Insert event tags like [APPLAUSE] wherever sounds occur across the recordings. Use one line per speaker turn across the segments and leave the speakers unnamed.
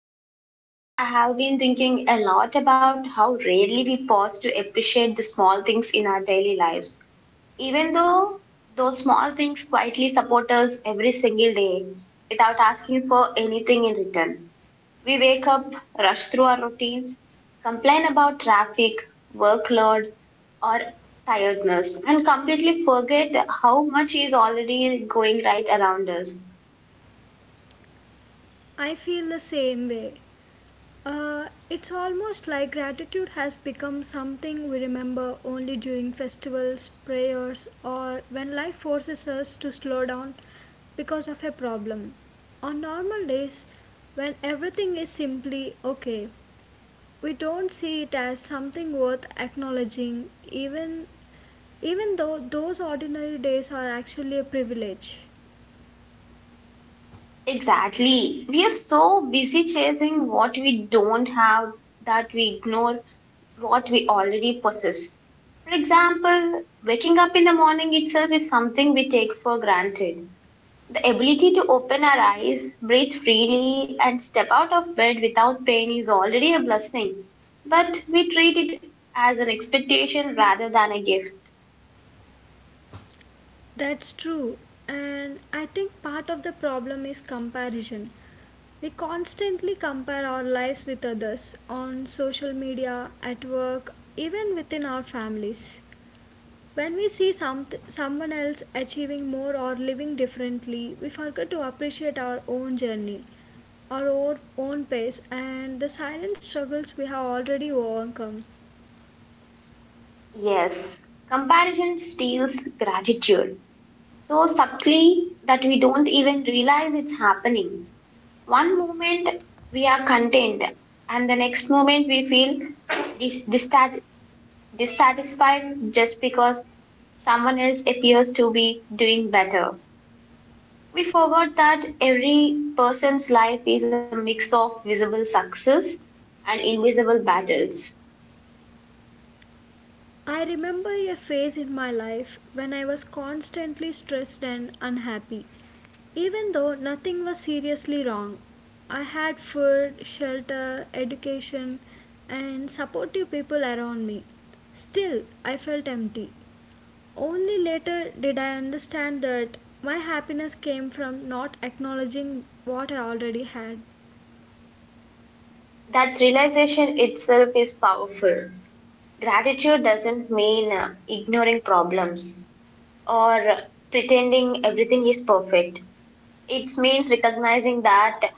Ramya, lately I have been thinking a lot about how rarely we pause to appreciate the small things in our daily lives. Even though those small things quietly support us every single day without asking for anything in return. We wake up, rush through our routines, complain about traffic, workload, or tiredness, and completely forget how much is already going right around us.
I feel the same way. It's almost like gratitude has become something we remember only during festivals, prayers, or when life forces us to slow down because of a problem. On normal days, when everything is simply okay, we don't see it as something worth acknowledging, even though those ordinary days are actually a privilege.
Exactly. We are so busy chasing what we don't have that we ignore what we already possess. For example, waking up in the morning itself is something we take for granted. The ability to open our eyes, breathe freely, and step out of bed without pain is already a blessing, but we treat it as an expectation rather than a gift.
That's true. And I think part of the problem is comparison. We constantly compare our lives with others on social media, at work, even within our families. When we see someone else achieving more or living differently, we forget to appreciate our own journey, our own pace, and the silent struggles we have already overcome.
Yes, comparison steals gratitude, so subtly that we don't even realize it's happening. One moment we are content, and the next moment we feel dis- dissat- dissatisfied just because someone else appears to be doing better. We forgot that every person's life is a mix of visible success and invisible battles.
I remember a phase in my life when I was constantly stressed and unhappy. Even though nothing was seriously wrong, I had food, shelter, education, and supportive people around me. Still, I felt empty. Only later did I understand that my happiness came from not acknowledging what I already had.
That realization itself is powerful. Gratitude doesn't mean ignoring problems or pretending everything is perfect. It means recognizing that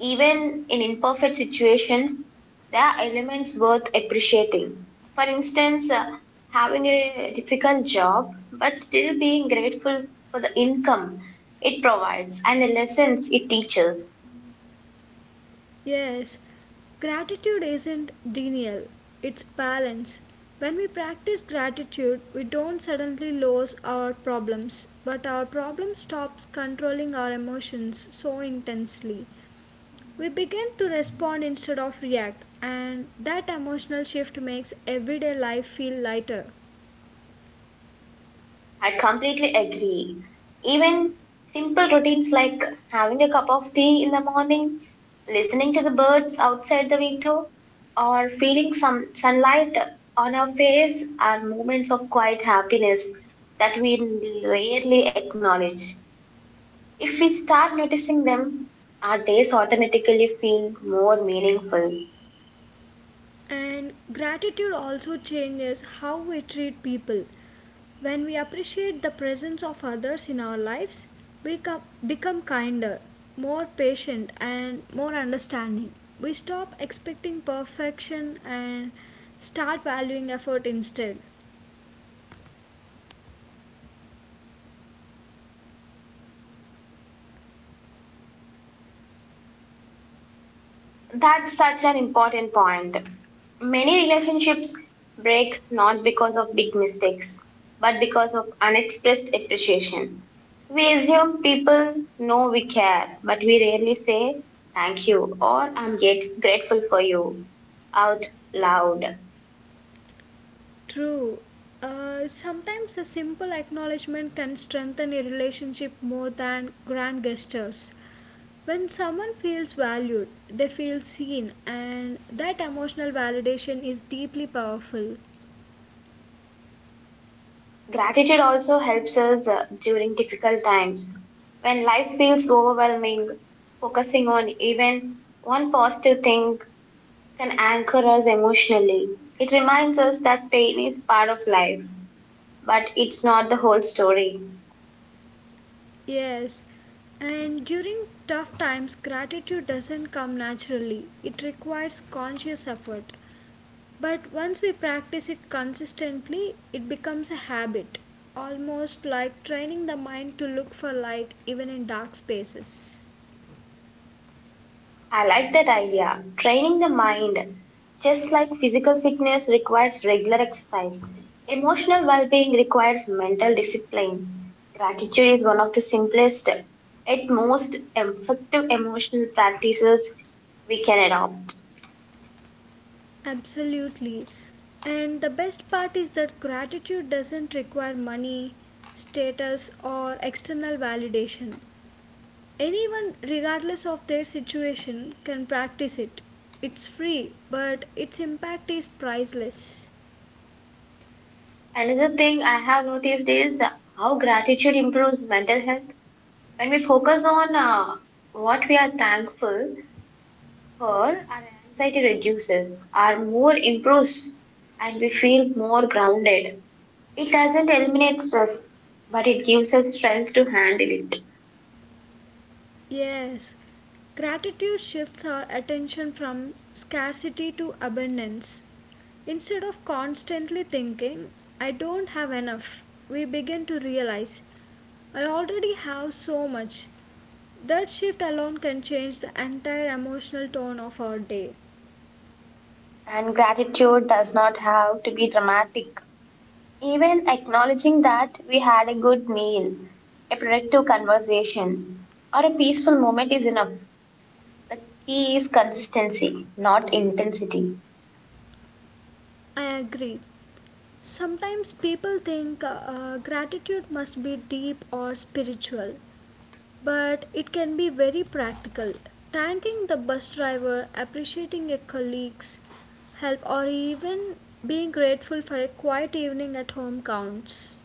even in imperfect situations, there are elements worth appreciating. For instance, having a difficult job but still being grateful for the income it provides and the lessons it teaches.
Yes, gratitude isn't denial, it's balance. When we practice gratitude, we don't suddenly lose our problems, but our problem stops controlling our emotions so intensely. We begin to respond instead of react, and that emotional shift makes everyday life feel lighter.
I completely agree. Even simple routines like having a cup of tea in the morning, listening to the birds outside the window, or feeling some sunlight on our face are moments of quiet happiness that we rarely acknowledge. If we start noticing them, our days automatically feel more meaningful.
And gratitude also changes how we treat people. When we appreciate the presence of others in our lives, we become kinder, more patient, and more understanding. We stop expecting perfection and start valuing effort instead.
That's such an important point. Many relationships break not because of big mistakes, but because of unexpressed appreciation. We assume people know we care, but we rarely say thank you or I'm grateful for you out loud.
True. Sometimes a simple acknowledgement can strengthen a relationship more than grand gestures. When someone feels valued, they feel seen, and that emotional validation is deeply powerful.
Gratitude also helps us during difficult times. When life feels overwhelming, focusing on even one positive thing can anchor us emotionally. It reminds us that pain is part of life, but it's not the whole story.
Yes, and during tough times, gratitude doesn't come naturally, it requires conscious effort. But once we practice it consistently, it becomes a habit, almost like training the mind to look for light even in dark spaces.
I like that idea. Training the mind. Just like physical fitness requires regular exercise, emotional well being requires mental discipline. Gratitude is one of the simplest yet most effective emotional practices we can adopt.
Absolutely. And the best part is that gratitude doesn't require money, status, or external validation. Anyone, regardless of their situation, can practice it. It's free, but its impact is priceless.
Another thing I have noticed is how gratitude improves mental health. When we focus on what we are thankful for, our anxiety reduces, our mood improves, and we feel more grounded. It doesn't eliminate stress, but it gives us strength to handle it.
Yes, gratitude shifts our attention from scarcity to abundance. Instead of constantly thinking, I don't have enough, we begin to realize, I already have so much. That shift alone can change the entire emotional tone of our day.
And gratitude does not have to be dramatic. Even acknowledging that we had a good meal, a productive conversation, or a peaceful moment is enough. The key is consistency, not intensity.
I agree. Sometimes people think gratitude must be deep or spiritual. But it can be very practical. Thanking the bus driver, appreciating a colleague's help, or even being grateful for a quiet evening at home counts.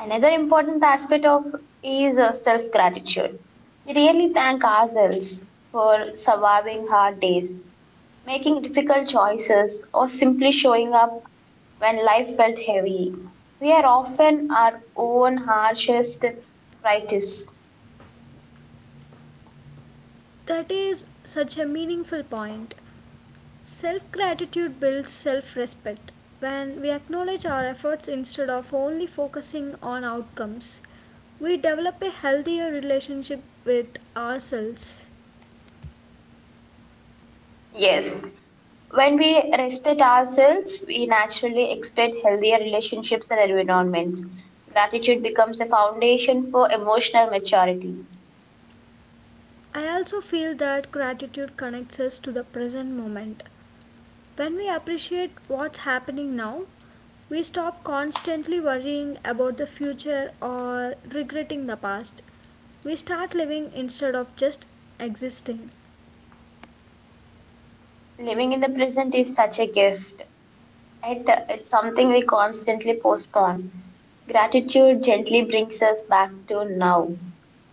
Another important aspect of is self-gratitude. We really thank ourselves for surviving hard days, making difficult choices, or simply showing up when life felt heavy. We are often our own harshest critics.
That is such a meaningful point. Self gratitude builds self respect. When we acknowledge our efforts instead of only focusing on outcomes, we develop a healthier relationship with ourselves.
Yes, when we respect ourselves, we naturally expect healthier relationships and environments. Gratitude becomes a foundation for emotional maturity.
I also feel that gratitude connects us to the present moment. When we appreciate what's happening now, we stop constantly worrying about the future or regretting the past. We start living instead of just existing.
Living in the present is such a gift. It's something we constantly postpone. Gratitude gently brings us back to now,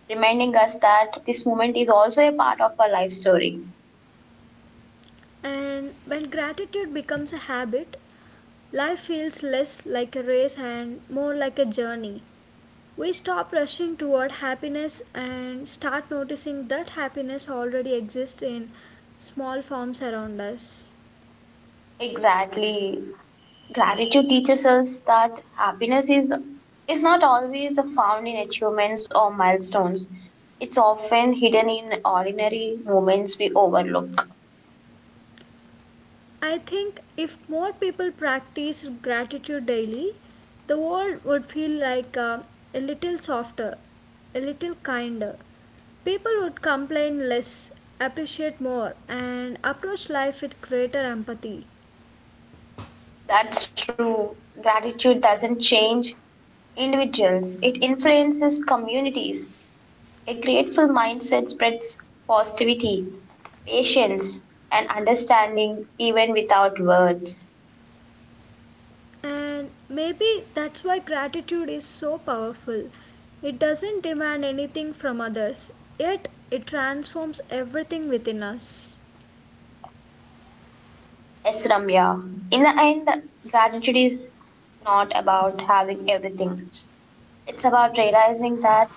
reminding us that this moment is also a part of our life story.
And when gratitude becomes a habit, life feels less like a race and more like a journey. We stop rushing toward happiness and start noticing that happiness already exists in small forms around us.
Exactly. Gratitude teaches us that happiness is not always found in achievements or milestones. It's often hidden in ordinary moments we overlook.
I think if more people practice gratitude daily, the world would feel like a little softer, a little kinder. People would complain less, appreciate more, and approach life with greater empathy.
That's true. Gratitude doesn't change individuals, it influences communities. A grateful mindset spreads positivity, patience, and understanding even without words.
And maybe that's why gratitude is so powerful. It doesn't demand anything from others, yet, it transforms everything within us.
Yes, Ramya. In the end, gratitude is not about having everything. It's about realizing that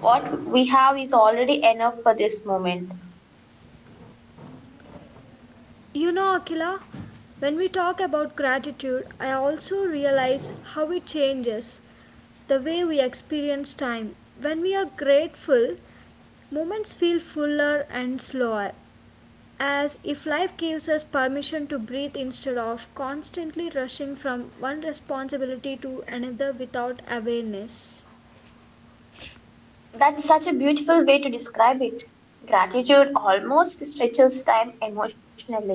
what we have is already enough for this moment.
You know, Akila, when we talk about gratitude, I also realize how it changes the way we experience time. When we are grateful, moments feel fuller and slower, as if life gives us permission to breathe instead of constantly rushing from one responsibility to another without awareness.
That's such a beautiful way to describe it. Gratitude almost stretches time emotionally.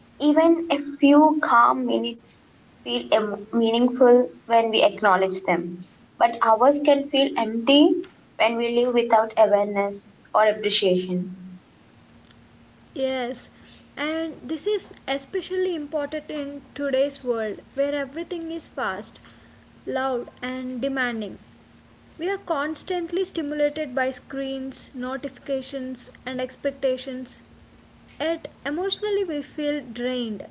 Even a few calm minutes feel meaningful when we acknowledge them, but hours can feel empty when we live without awareness or appreciation.
Yes, and this is especially important in today's world where everything is fast, loud, and demanding. We are constantly stimulated by screens, notifications, and expectations, yet, emotionally, we feel drained.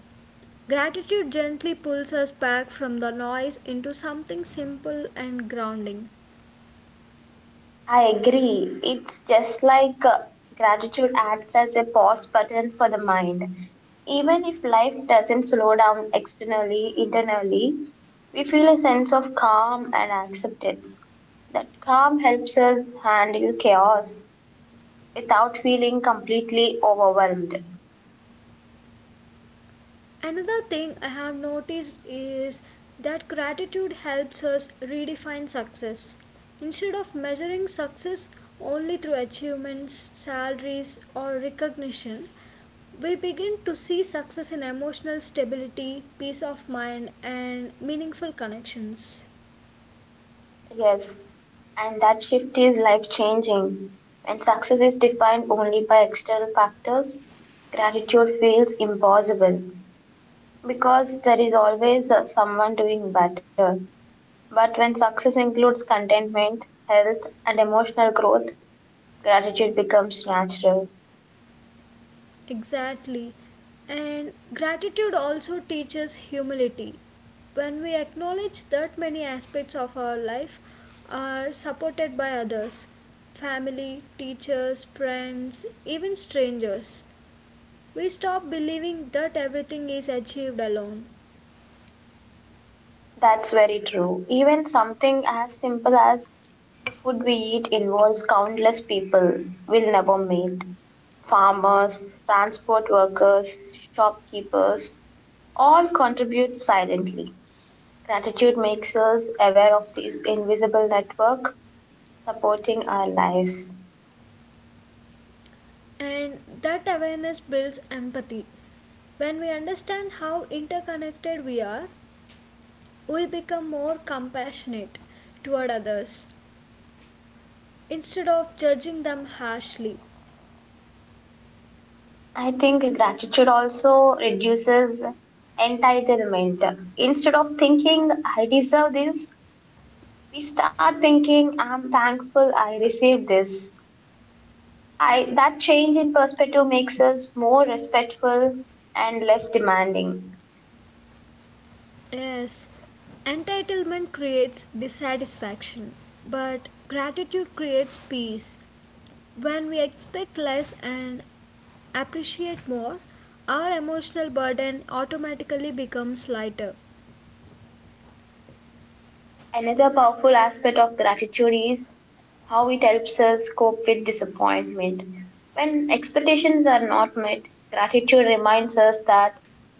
Gratitude gently pulls us back from the noise into something simple and grounding.
I agree. It's just like gratitude acts as a pause button for the mind. Even if life doesn't slow down externally, internally, we feel a sense of calm and acceptance. That calm helps us handle chaos without feeling completely overwhelmed.
Another thing I have noticed is that gratitude helps us redefine success. Instead of measuring success only through achievements, salaries, or recognition, we begin to see success in emotional stability, peace of mind, and meaningful connections.
Yes, and that shift is life changing. When success is defined only by external factors, gratitude feels impossible because there is always someone doing better. But when success includes contentment, health, and emotional growth, gratitude becomes natural.
Exactly. And gratitude also teaches humility. When we acknowledge that many aspects of our life are supported by others, family, teachers, friends, even strangers, we stop believing that everything is achieved alone.
That's very true. Even something as simple as the food we eat involves countless people we'll never meet. Farmers, transport workers, shopkeepers, all contribute silently. Gratitude makes us aware of this invisible network supporting our lives.
And that awareness builds empathy. When we understand how interconnected we are, we become more compassionate toward others, instead of judging them harshly.
I think gratitude also reduces entitlement. Instead of thinking, I deserve this, we start thinking, I'm thankful I received this. That change in perspective makes us more respectful and less demanding.
Yes, entitlement creates dissatisfaction, but gratitude creates peace. When we expect less and appreciate more, our emotional burden automatically becomes lighter.
Another powerful aspect of gratitude is how it helps us cope with disappointment. When expectations are not met, gratitude reminds us that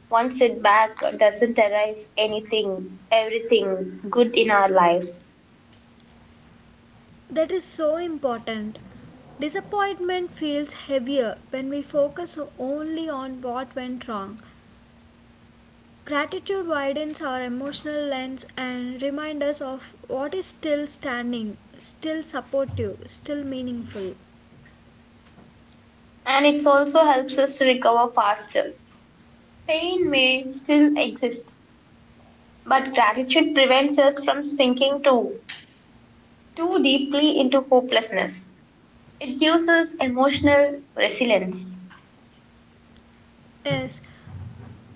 one setback doesn't erase anything, everything good in our lives.
That is so important. Disappointment feels heavier when we focus only on what went wrong. Gratitude widens our emotional lens and reminds us of what is still standing, still supportive, still meaningful.
And it also helps us to recover faster. Pain may still exist, but gratitude prevents us from sinking too deeply into hopelessness. It gives us emotional resilience.
Yes,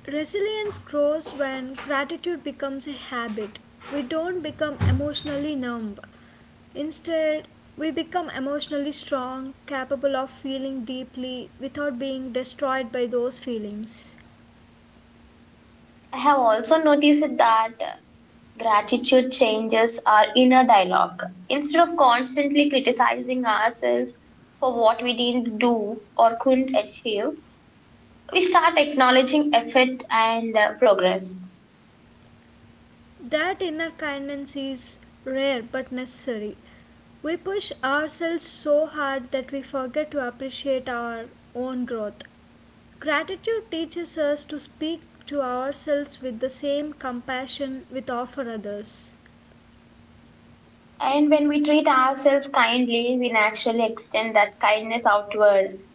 resilience grows when gratitude becomes a habit. We don't become emotionally numb. Instead, we become emotionally strong, capable of feeling deeply without being destroyed by those feelings.
I have also noticed that gratitude changes our inner dialogue. Instead of constantly criticizing ourselves for what we didn't do or couldn't achieve, we start acknowledging effort and progress.
That inner kindness is rare but necessary. We push ourselves so hard that we forget to appreciate our own growth. Gratitude teaches us to speak to ourselves with the same compassion we offer others.
And when we treat ourselves kindly, we naturally extend that kindness outward.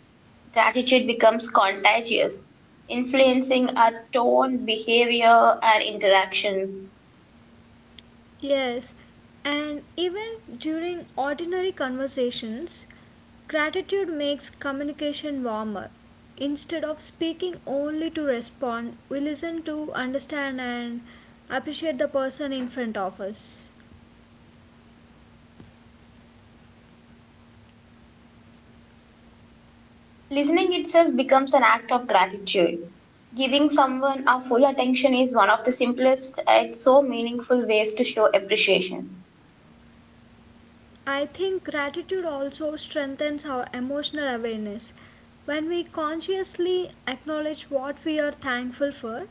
Gratitude becomes contagious, influencing our tone, behavior, and interactions.
Yes, and even during ordinary conversations, gratitude makes communication warmer. Instead of speaking only to respond, we listen to understand and appreciate the person in front of us.
Listening itself becomes an act of gratitude. Giving someone our full attention is one of the simplest and so meaningful ways to show appreciation.
I think gratitude also strengthens our emotional awareness. When we consciously acknowledge what we are thankful for,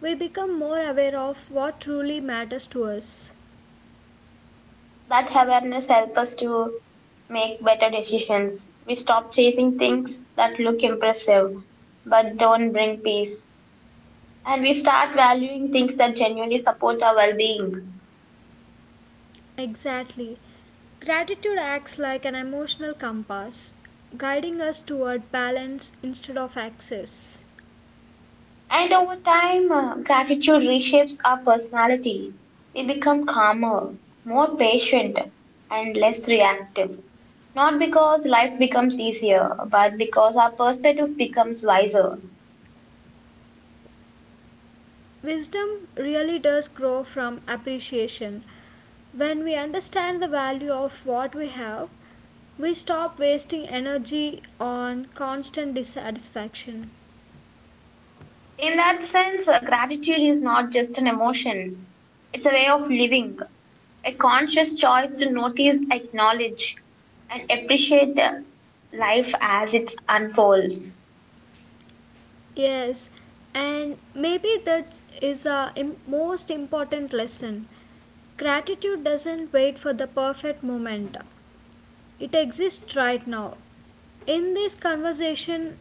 we become more aware of what truly matters to us.
That awareness helps us to make better decisions. We stop chasing things that look impressive but don't bring peace. And we start valuing things that genuinely support our well being.
Exactly. Gratitude acts like an emotional compass, guiding us toward balance instead of excess.
And over time, gratitude reshapes our personality. We become calmer, more patient, and less reactive. Not because life becomes easier, but because our perspective becomes wiser.
Wisdom really does grow from appreciation. When we understand the value of what we have, we stop wasting energy on constant dissatisfaction.
In that sense, gratitude is not just an emotion, it's a way of living, a conscious choice to notice, acknowledge, and appreciate life as it unfolds.
Yes, and maybe that is a most important lesson. Gratitude doesn't wait for the perfect moment. It exists right now. In this conversation,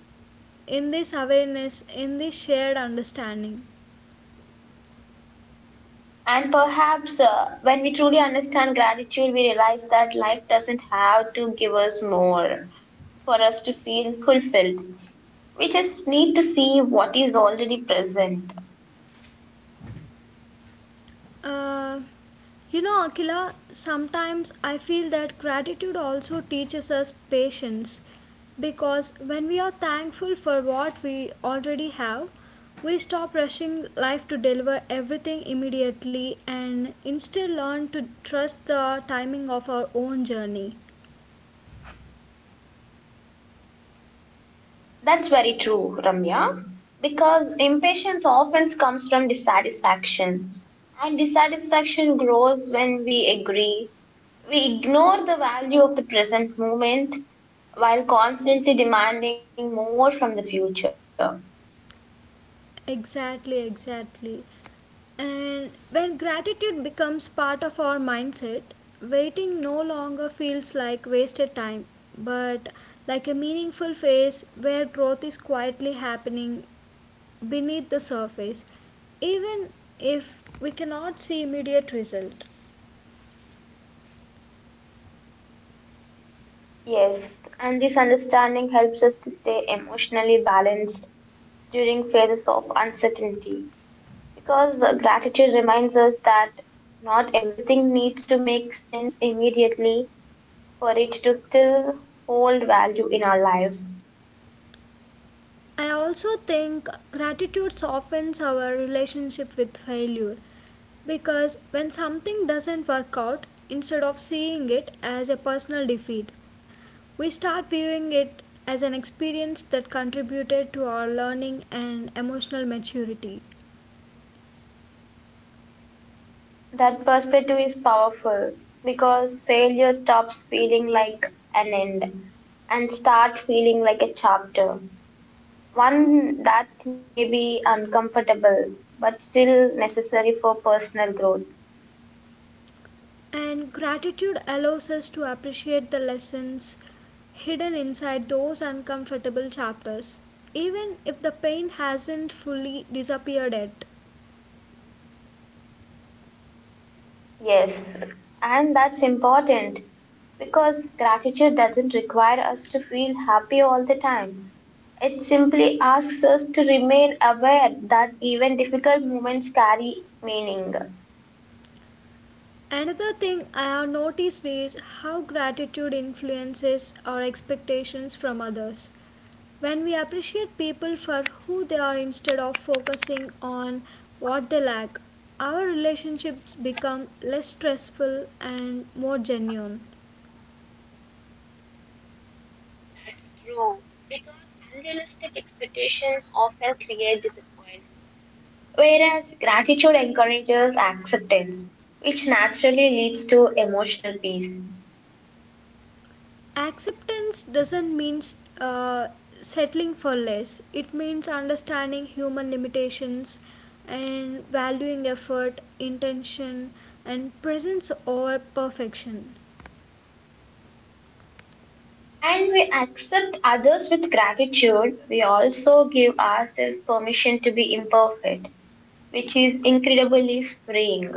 in this awareness, in this shared understanding.
And perhaps when we truly understand gratitude, we realize that life doesn't have to give us more for us to feel fulfilled. We just need to see what is already present.
Uh, you know, Akila, sometimes I feel that gratitude also teaches us patience because when we are thankful for what we already have, we stop rushing life to deliver everything immediately and instead learn to trust the timing of our own journey.
That's very true, Ramya, because impatience often comes from dissatisfaction, and dissatisfaction grows when we agree. We ignore the value of the present moment while constantly demanding more from the future.
Exactly, exactly. And when gratitude becomes part of our mindset, waiting no longer feels like wasted time, but like a meaningful phase where growth is quietly happening beneath the surface, even if we cannot see immediate result.
Yes, and this understanding helps us to stay emotionally balanced during phases of uncertainty because gratitude reminds us that not everything needs to make sense immediately for it to still hold value in our lives.
I also think gratitude softens our relationship with failure because when something doesn't work out, instead of seeing it as a personal defeat, we start viewing it as an experience that contributed to our learning and emotional maturity.
That perspective is powerful because failure stops feeling like an end and start feeling like a chapter. One that may be uncomfortable, but still necessary for personal growth.
And gratitude allows us to appreciate the lessons hidden inside those uncomfortable chapters, even if the pain hasn't fully disappeared yet.
Yes, and that's important because gratitude doesn't require us to feel happy all the time. It simply asks us to remain aware that even difficult moments carry meaning.
Another thing I have noticed is how gratitude influences our expectations from others. When we appreciate people for who they are instead of focusing on what they lack, our relationships become less stressful and more genuine.
That's true, because unrealistic expectations often create disappointment. Whereas gratitude encourages acceptance, which naturally leads to emotional peace.
Acceptance doesn't mean uh, settling for less. It means understanding human limitations and valuing effort, intention, and presence over perfection.
And we accept others with gratitude, we also give ourselves permission to be imperfect, which is incredibly freeing.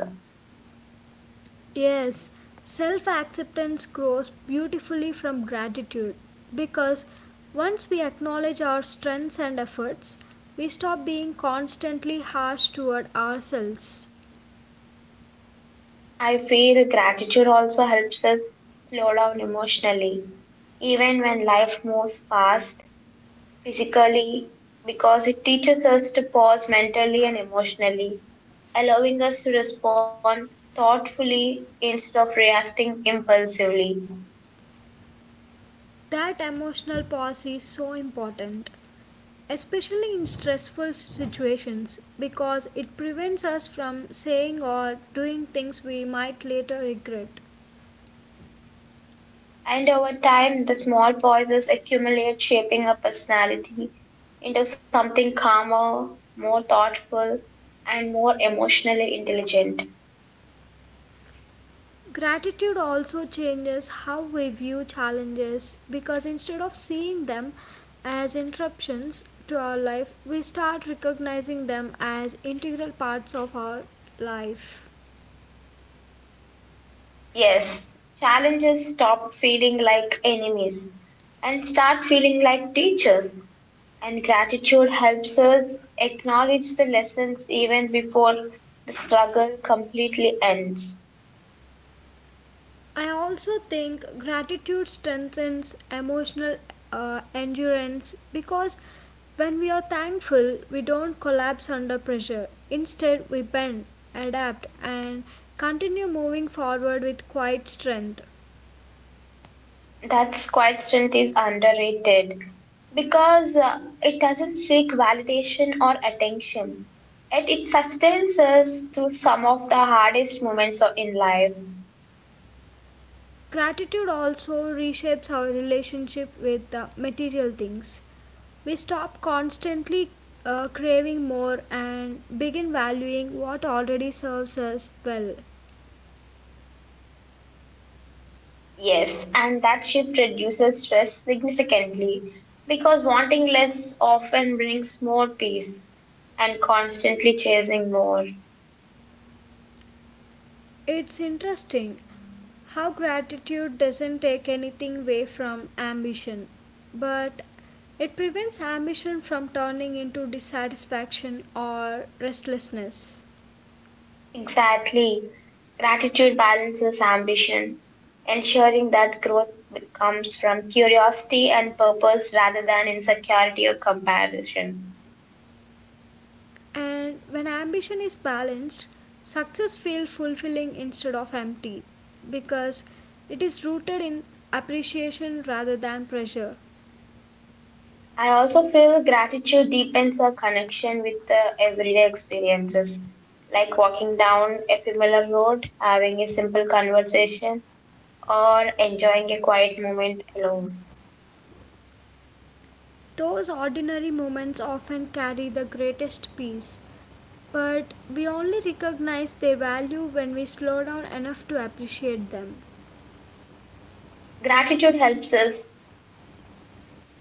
Yes, self acceptance grows beautifully from gratitude because once we acknowledge our strengths and efforts, we stop being constantly harsh toward ourselves.
I feel gratitude also helps us slow down emotionally, even when life moves fast physically, because it teaches us to pause mentally and emotionally, allowing us to respond thoughtfully instead of reacting impulsively.
That emotional pause is so important, especially in stressful situations because it prevents us from saying or doing things we might later regret.
And over time, the small pauses accumulate, shaping our personality into something calmer, more thoughtful, and more emotionally intelligent.
Gratitude also changes how we view challenges because instead of seeing them as interruptions to our life, we start recognizing them as integral parts of our life.
Yes, challenges stop feeling like enemies and start feeling like teachers. And gratitude helps us acknowledge the lessons even before the struggle completely ends.
I also think gratitude strengthens emotional endurance because when we are thankful, we don't collapse under pressure. Instead, we bend, adapt, and continue moving forward with quiet strength.
That's quite strength is underrated because it doesn't seek validation or attention. Yet it sustains us through some of the hardest moments of- in life.
Gratitude also reshapes our relationship with the material things. We stop constantly craving more and begin valuing what already serves us well.
Yes, and that shift reduces stress significantly because wanting less often brings more peace and constantly chasing more.
It's interesting how gratitude doesn't take anything away from ambition, but it prevents ambition from turning into dissatisfaction or restlessness.
Exactly. Gratitude balances ambition, ensuring that growth comes from curiosity and purpose rather than insecurity or comparison.
And when ambition is balanced, success feels fulfilling instead of empty because it is rooted in appreciation rather than pressure.
I also feel gratitude deepens our connection with the everyday experiences, like walking down a familiar road, having a simple conversation, or enjoying a quiet moment alone.
Those ordinary moments often carry the greatest peace, but we only recognize their value when we slow down enough to appreciate them.
Gratitude helps us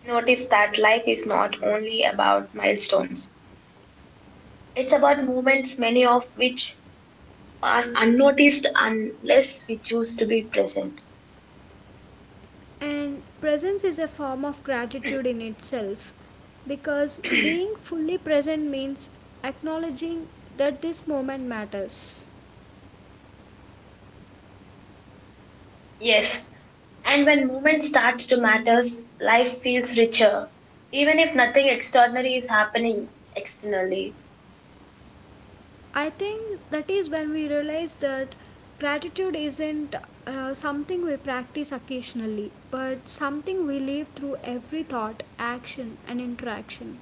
notice that life is not only about milestones, it's about moments, many of which pass unnoticed unless we choose to be present.
And presence is a form of gratitude in itself because being fully present means acknowledging that this moment matters.
Yes, and when movement starts to matters, life feels richer, even if nothing extraordinary is happening externally.
I think that is when we realize that gratitude isn't something we practice occasionally, but something we live through every thought, action, and interaction.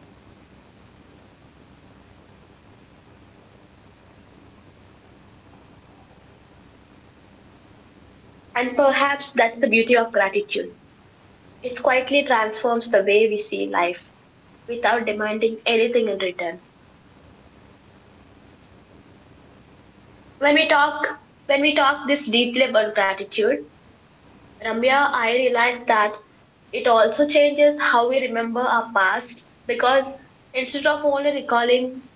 And perhaps that's the beauty of gratitude. It quietly transforms the way we see life without demanding anything in return. When we talk when we talk this deeply about gratitude, Ramya, I realized that it also changes how we remember our past because instead of only recalling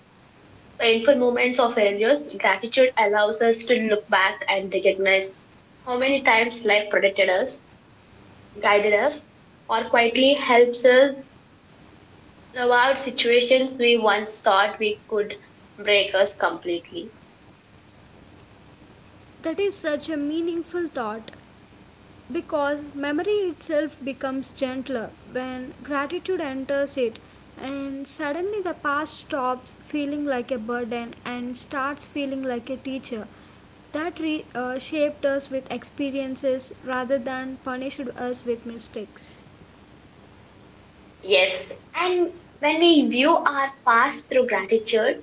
painful moments of failures, gratitude allows us to look back and recognize how many times life protected us, guided us, or quietly helps us survive situations we once thought we could break us completely.
That is such a meaningful thought because memory itself becomes gentler when gratitude enters it, and suddenly the past stops feeling like a burden and starts feeling like a teacher that shaped us with experiences rather than punished us with mistakes.
Yes, and when we view our past through gratitude,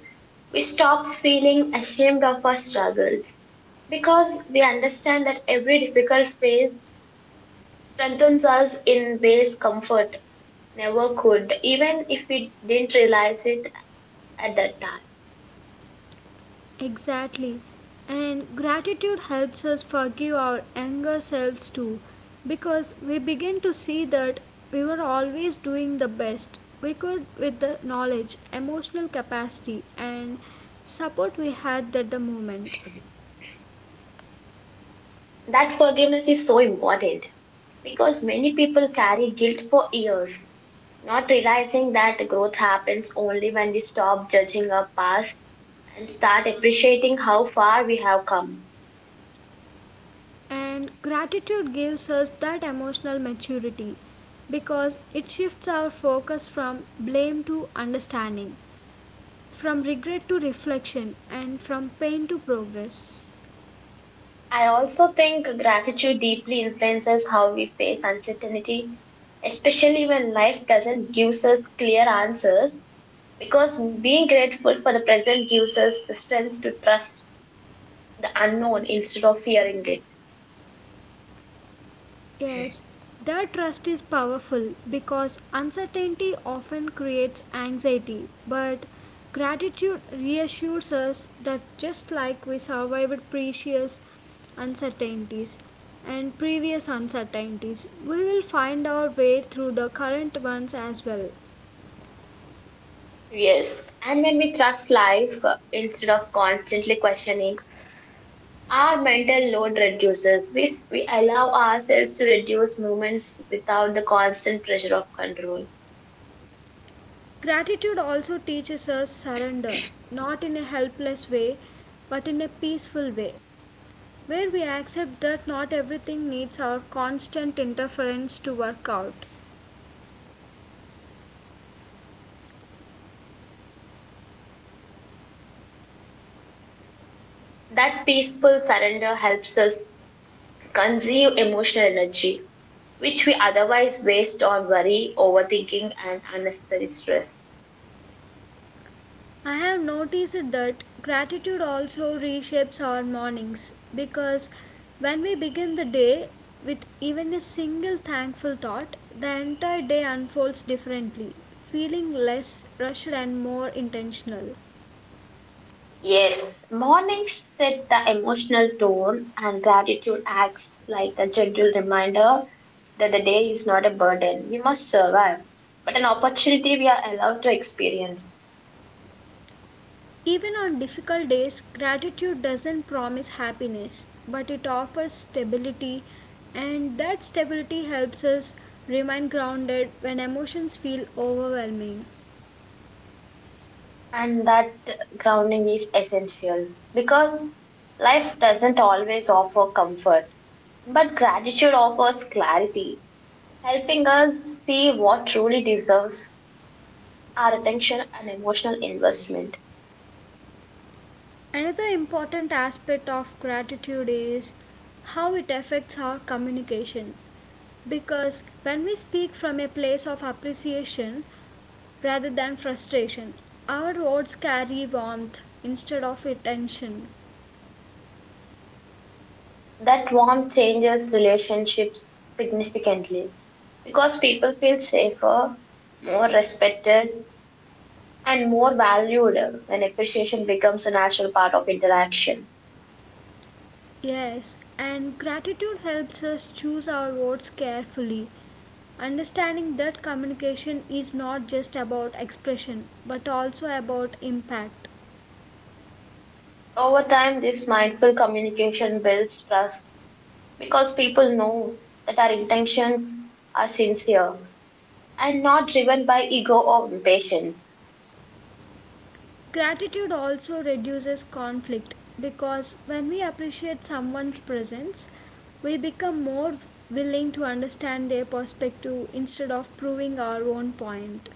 we stop feeling ashamed of our struggles because we understand that every difficult phase strengthens us in ways comfort never could, even if we didn't realize it at that time.
Exactly. And gratitude helps us forgive our younger selves too, because we begin to see that we were always doing the best we could with the knowledge, emotional capacity, and support we had at the moment.
That forgiveness is so important because many people carry guilt for years, not realizing that growth happens only when we stop judging our past and start appreciating how far we have come.
And gratitude gives us that emotional maturity because it shifts our focus from blame to understanding, from regret to reflection, and from pain to progress.
I also think gratitude deeply influences how we face uncertainty, especially when life doesn't give us clear answers, because being grateful for the present gives us the strength to trust the unknown instead of fearing it.
Yes, that trust is powerful because uncertainty often creates anxiety, but gratitude reassures us that just like we survived previous uncertainties and previous uncertainties, we will find our way through the current ones as well.
Yes, and when we trust life instead of constantly questioning, our mental load reduces. We allow ourselves to reduce movements without the constant pressure of control.
Gratitude also teaches us surrender, not in a helpless way, but in a peaceful way, where we accept that not everything needs our constant interference to work out.
That peaceful surrender helps us consume emotional energy, which we otherwise waste on worry, overthinking, and unnecessary stress.
I have noticed that gratitude also reshapes our mornings because when we begin the day with even a single thankful thought, the entire day unfolds differently, feeling less rushed and more intentional.
Yes, mornings set the emotional tone, and gratitude acts like a gentle reminder that the day is not a burden we must survive, but an opportunity we are allowed to experience.
Even on difficult days, gratitude doesn't promise happiness, but it offers stability, and that stability helps us remain grounded when emotions feel overwhelming.
And that grounding is essential because life doesn't always offer comfort, but gratitude offers clarity, helping us see what truly deserves our attention and emotional investment.
Another important aspect of gratitude is how it affects our communication, because when we speak from a place of appreciation rather than frustration, our words carry warmth instead of tension.
That warmth changes relationships significantly because people feel safer, more respected, and more valued when appreciation becomes a natural part of interaction.
Yes, and gratitude helps us choose our words carefully, understanding that communication is not just about expression but also about impact.
Over time, this mindful communication builds trust because people know that our intentions are sincere and not driven by ego or impatience.
Gratitude also reduces conflict because when we appreciate someone's presence, we become more willing to understand their perspective instead of proving our own point.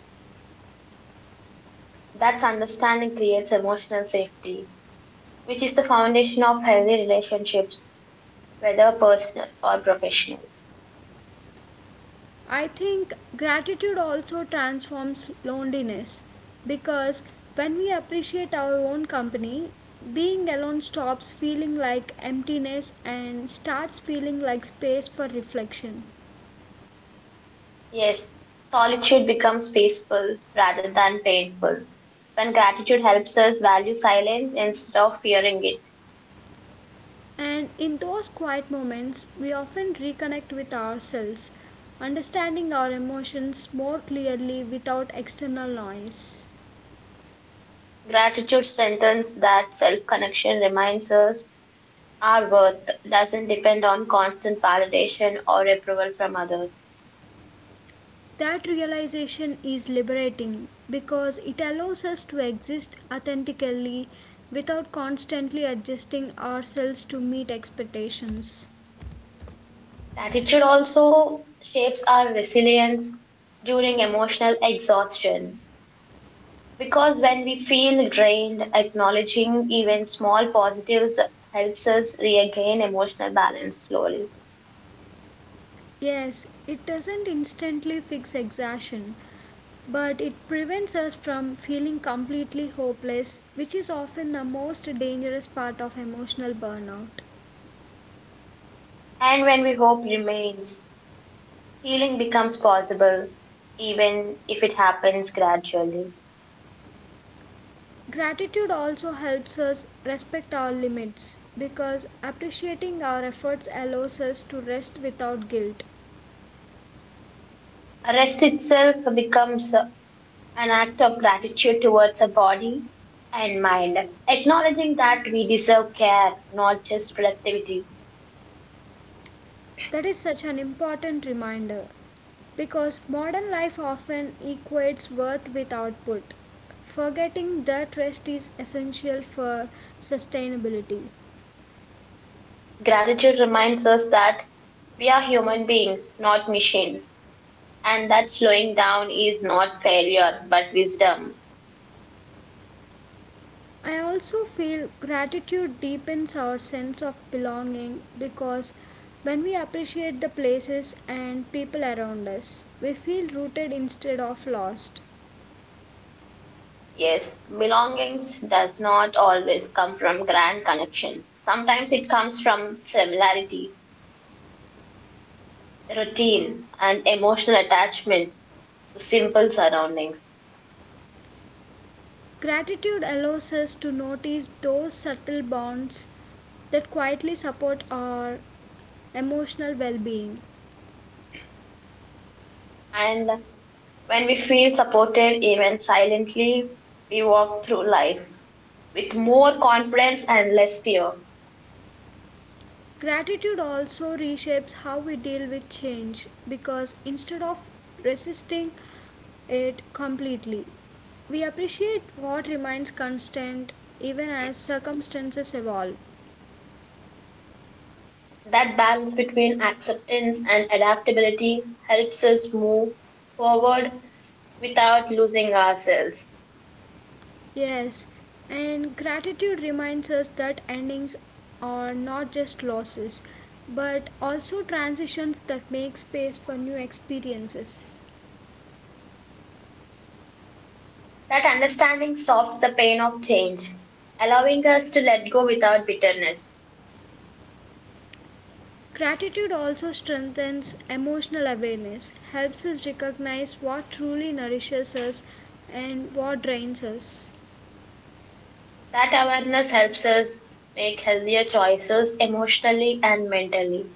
That understanding creates emotional safety, which is the foundation of healthy relationships, whether personal or professional.
I think gratitude also transforms loneliness because when we appreciate our own company, being alone stops feeling like emptiness and starts feeling like space for reflection.
Yes, solitude becomes peaceful rather than painful when gratitude helps us value silence instead of fearing it.
And in those quiet moments, we often reconnect with ourselves, understanding our emotions more clearly without external noise.
Gratitude strengthens that self connection, reminds us our worth doesn't depend on constant validation or approval from others.
That realization is liberating because it allows us to exist authentically without constantly adjusting ourselves to meet expectations.
Gratitude also shapes our resilience during emotional exhaustion because when we feel drained, acknowledging even small positives helps us regain emotional balance slowly.
Yes, it doesn't instantly fix exhaustion, but it prevents us from feeling completely hopeless, which is often the most dangerous part of emotional burnout.
And when we hope remains, healing becomes possible even if it happens gradually.
Gratitude also helps us respect our limits because appreciating our efforts allows us to rest without guilt.
Rest itself becomes an act of gratitude towards our body and mind, acknowledging that we deserve care, not just productivity.
That is such an important reminder because modern life often equates worth with output, forgetting that rest is essential for sustainability.
Gratitude reminds us that we are human beings, not machines, and that slowing down is not failure but wisdom.
I also feel gratitude deepens our sense of belonging because when we appreciate the places and people around us, we feel rooted instead of lost.
Yes, belongings does not always come from grand connections. Sometimes it comes from familiarity, routine, and emotional attachment to simple surroundings.
Gratitude allows us to notice those subtle bonds that quietly support our emotional well being.
And when we feel supported, even silently, we walk through life with more confidence and less fear.
Gratitude also reshapes how we deal with change because instead of resisting it completely, we appreciate what remains constant even as circumstances evolve.
That balance between acceptance and adaptability helps us move forward without losing ourselves.
Yes, and gratitude reminds us that endings are not just losses, but also transitions that make space for new experiences.
That understanding softs the pain of change, allowing us to let go without bitterness.
Gratitude also strengthens emotional awareness, helps us recognize what truly nourishes us and what drains us.
That awareness helps us make healthier choices emotionally and mentally.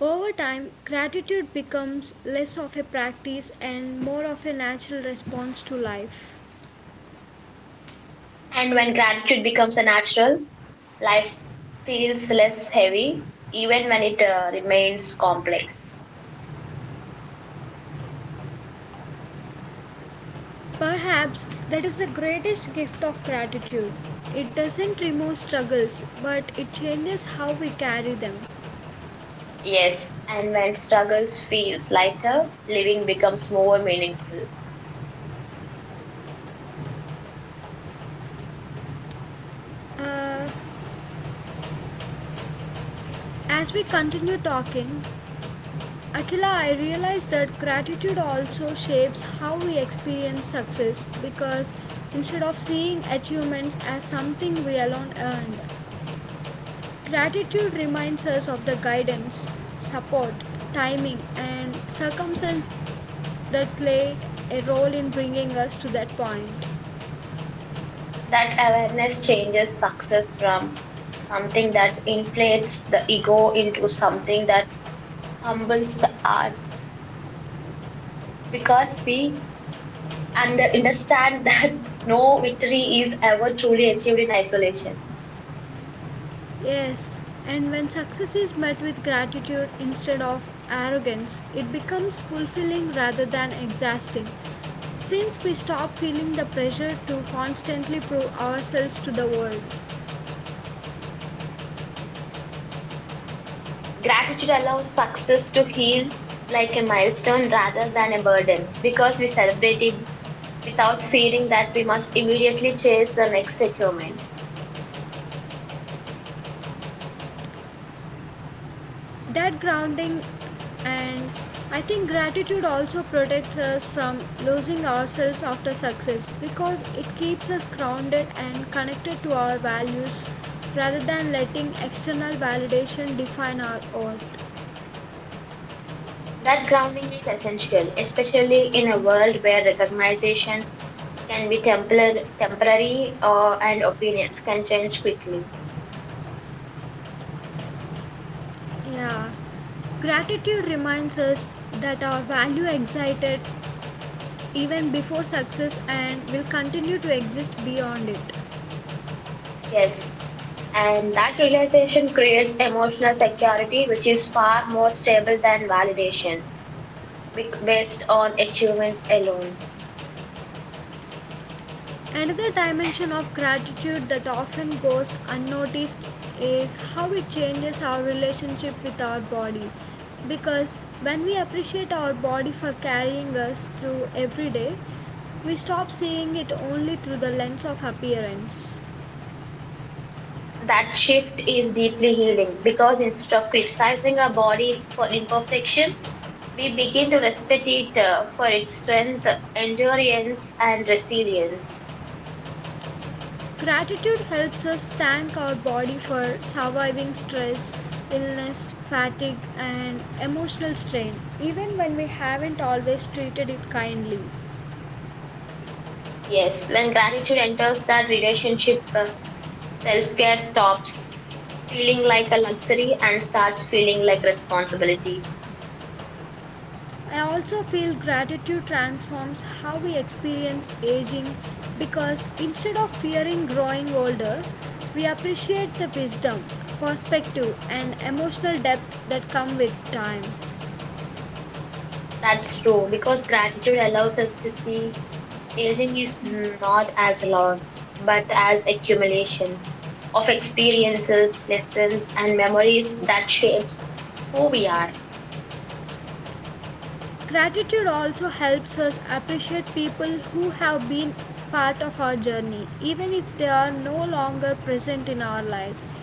Over time, gratitude becomes less of a practice and more of a natural response to life.
And when gratitude becomes a natural, life feels less heavy, even when it remains complex.
Perhaps that is the greatest gift of gratitude. It doesn't remove struggles, but it changes how we carry them.
Yes, and when struggles feels lighter, living becomes more meaningful.
Uh, as we continue talking, Akila, I realize that gratitude also shapes how we experience success because instead of seeing achievements as something we alone earned, gratitude reminds us of the guidance, support, timing, and circumstances that played a role in bringing us to that point.
That awareness changes success from something that inflates the ego into something that humbles the heart because we understand [LAUGHS] that no victory is ever truly achieved in isolation.
Yes, and when success is met with gratitude instead of arrogance, it becomes fulfilling rather than exhausting, since we stop feeling the pressure to constantly prove ourselves to the world.
Gratitude allows success to heal like a milestone rather than a burden because we celebrate it without feeling that we must immediately chase the next achievement.
That grounding and I think gratitude also protects us from losing ourselves after success because it keeps us grounded and connected to our values rather than letting external validation define our worth.
That grounding is essential, especially in a world where recognition can be temporary, and opinions can change quickly.
Yeah. Gratitude reminds us that our value excited even before success and will continue to exist beyond it.
Yes, and that realization creates emotional security, which is far more stable than validation based on achievements alone.
Another dimension of gratitude that often goes unnoticed is how it changes our relationship with our body, because when we appreciate our body for carrying us through every day, we stop seeing it only through the lens of appearance.
That shift is deeply healing because instead of criticizing our body for imperfections, we begin to respect it, for its strength, endurance, and resilience.
Gratitude helps us thank our body for surviving stress, illness, fatigue, and emotional strain, even when we haven't always treated it kindly.
Yes, when gratitude enters that relationship, self care stops feeling like a luxury and starts feeling like responsibility.
I also feel gratitude transforms how we experience aging because instead of fearing growing older, we appreciate the wisdom, perspective, and emotional depth that come with time.
That's true because gratitude allows us to see aging is not as loss, but as accumulation of experiences, lessons, and memories that shapes who we are.
Gratitude also helps us appreciate people who have been part of our journey, even if they are no longer present in our lives.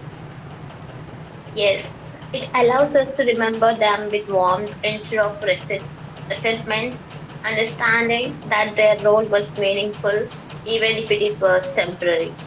Yes, it allows us to remember them with warmth instead of resentment, understanding that their role was meaningful, even if it is was temporary.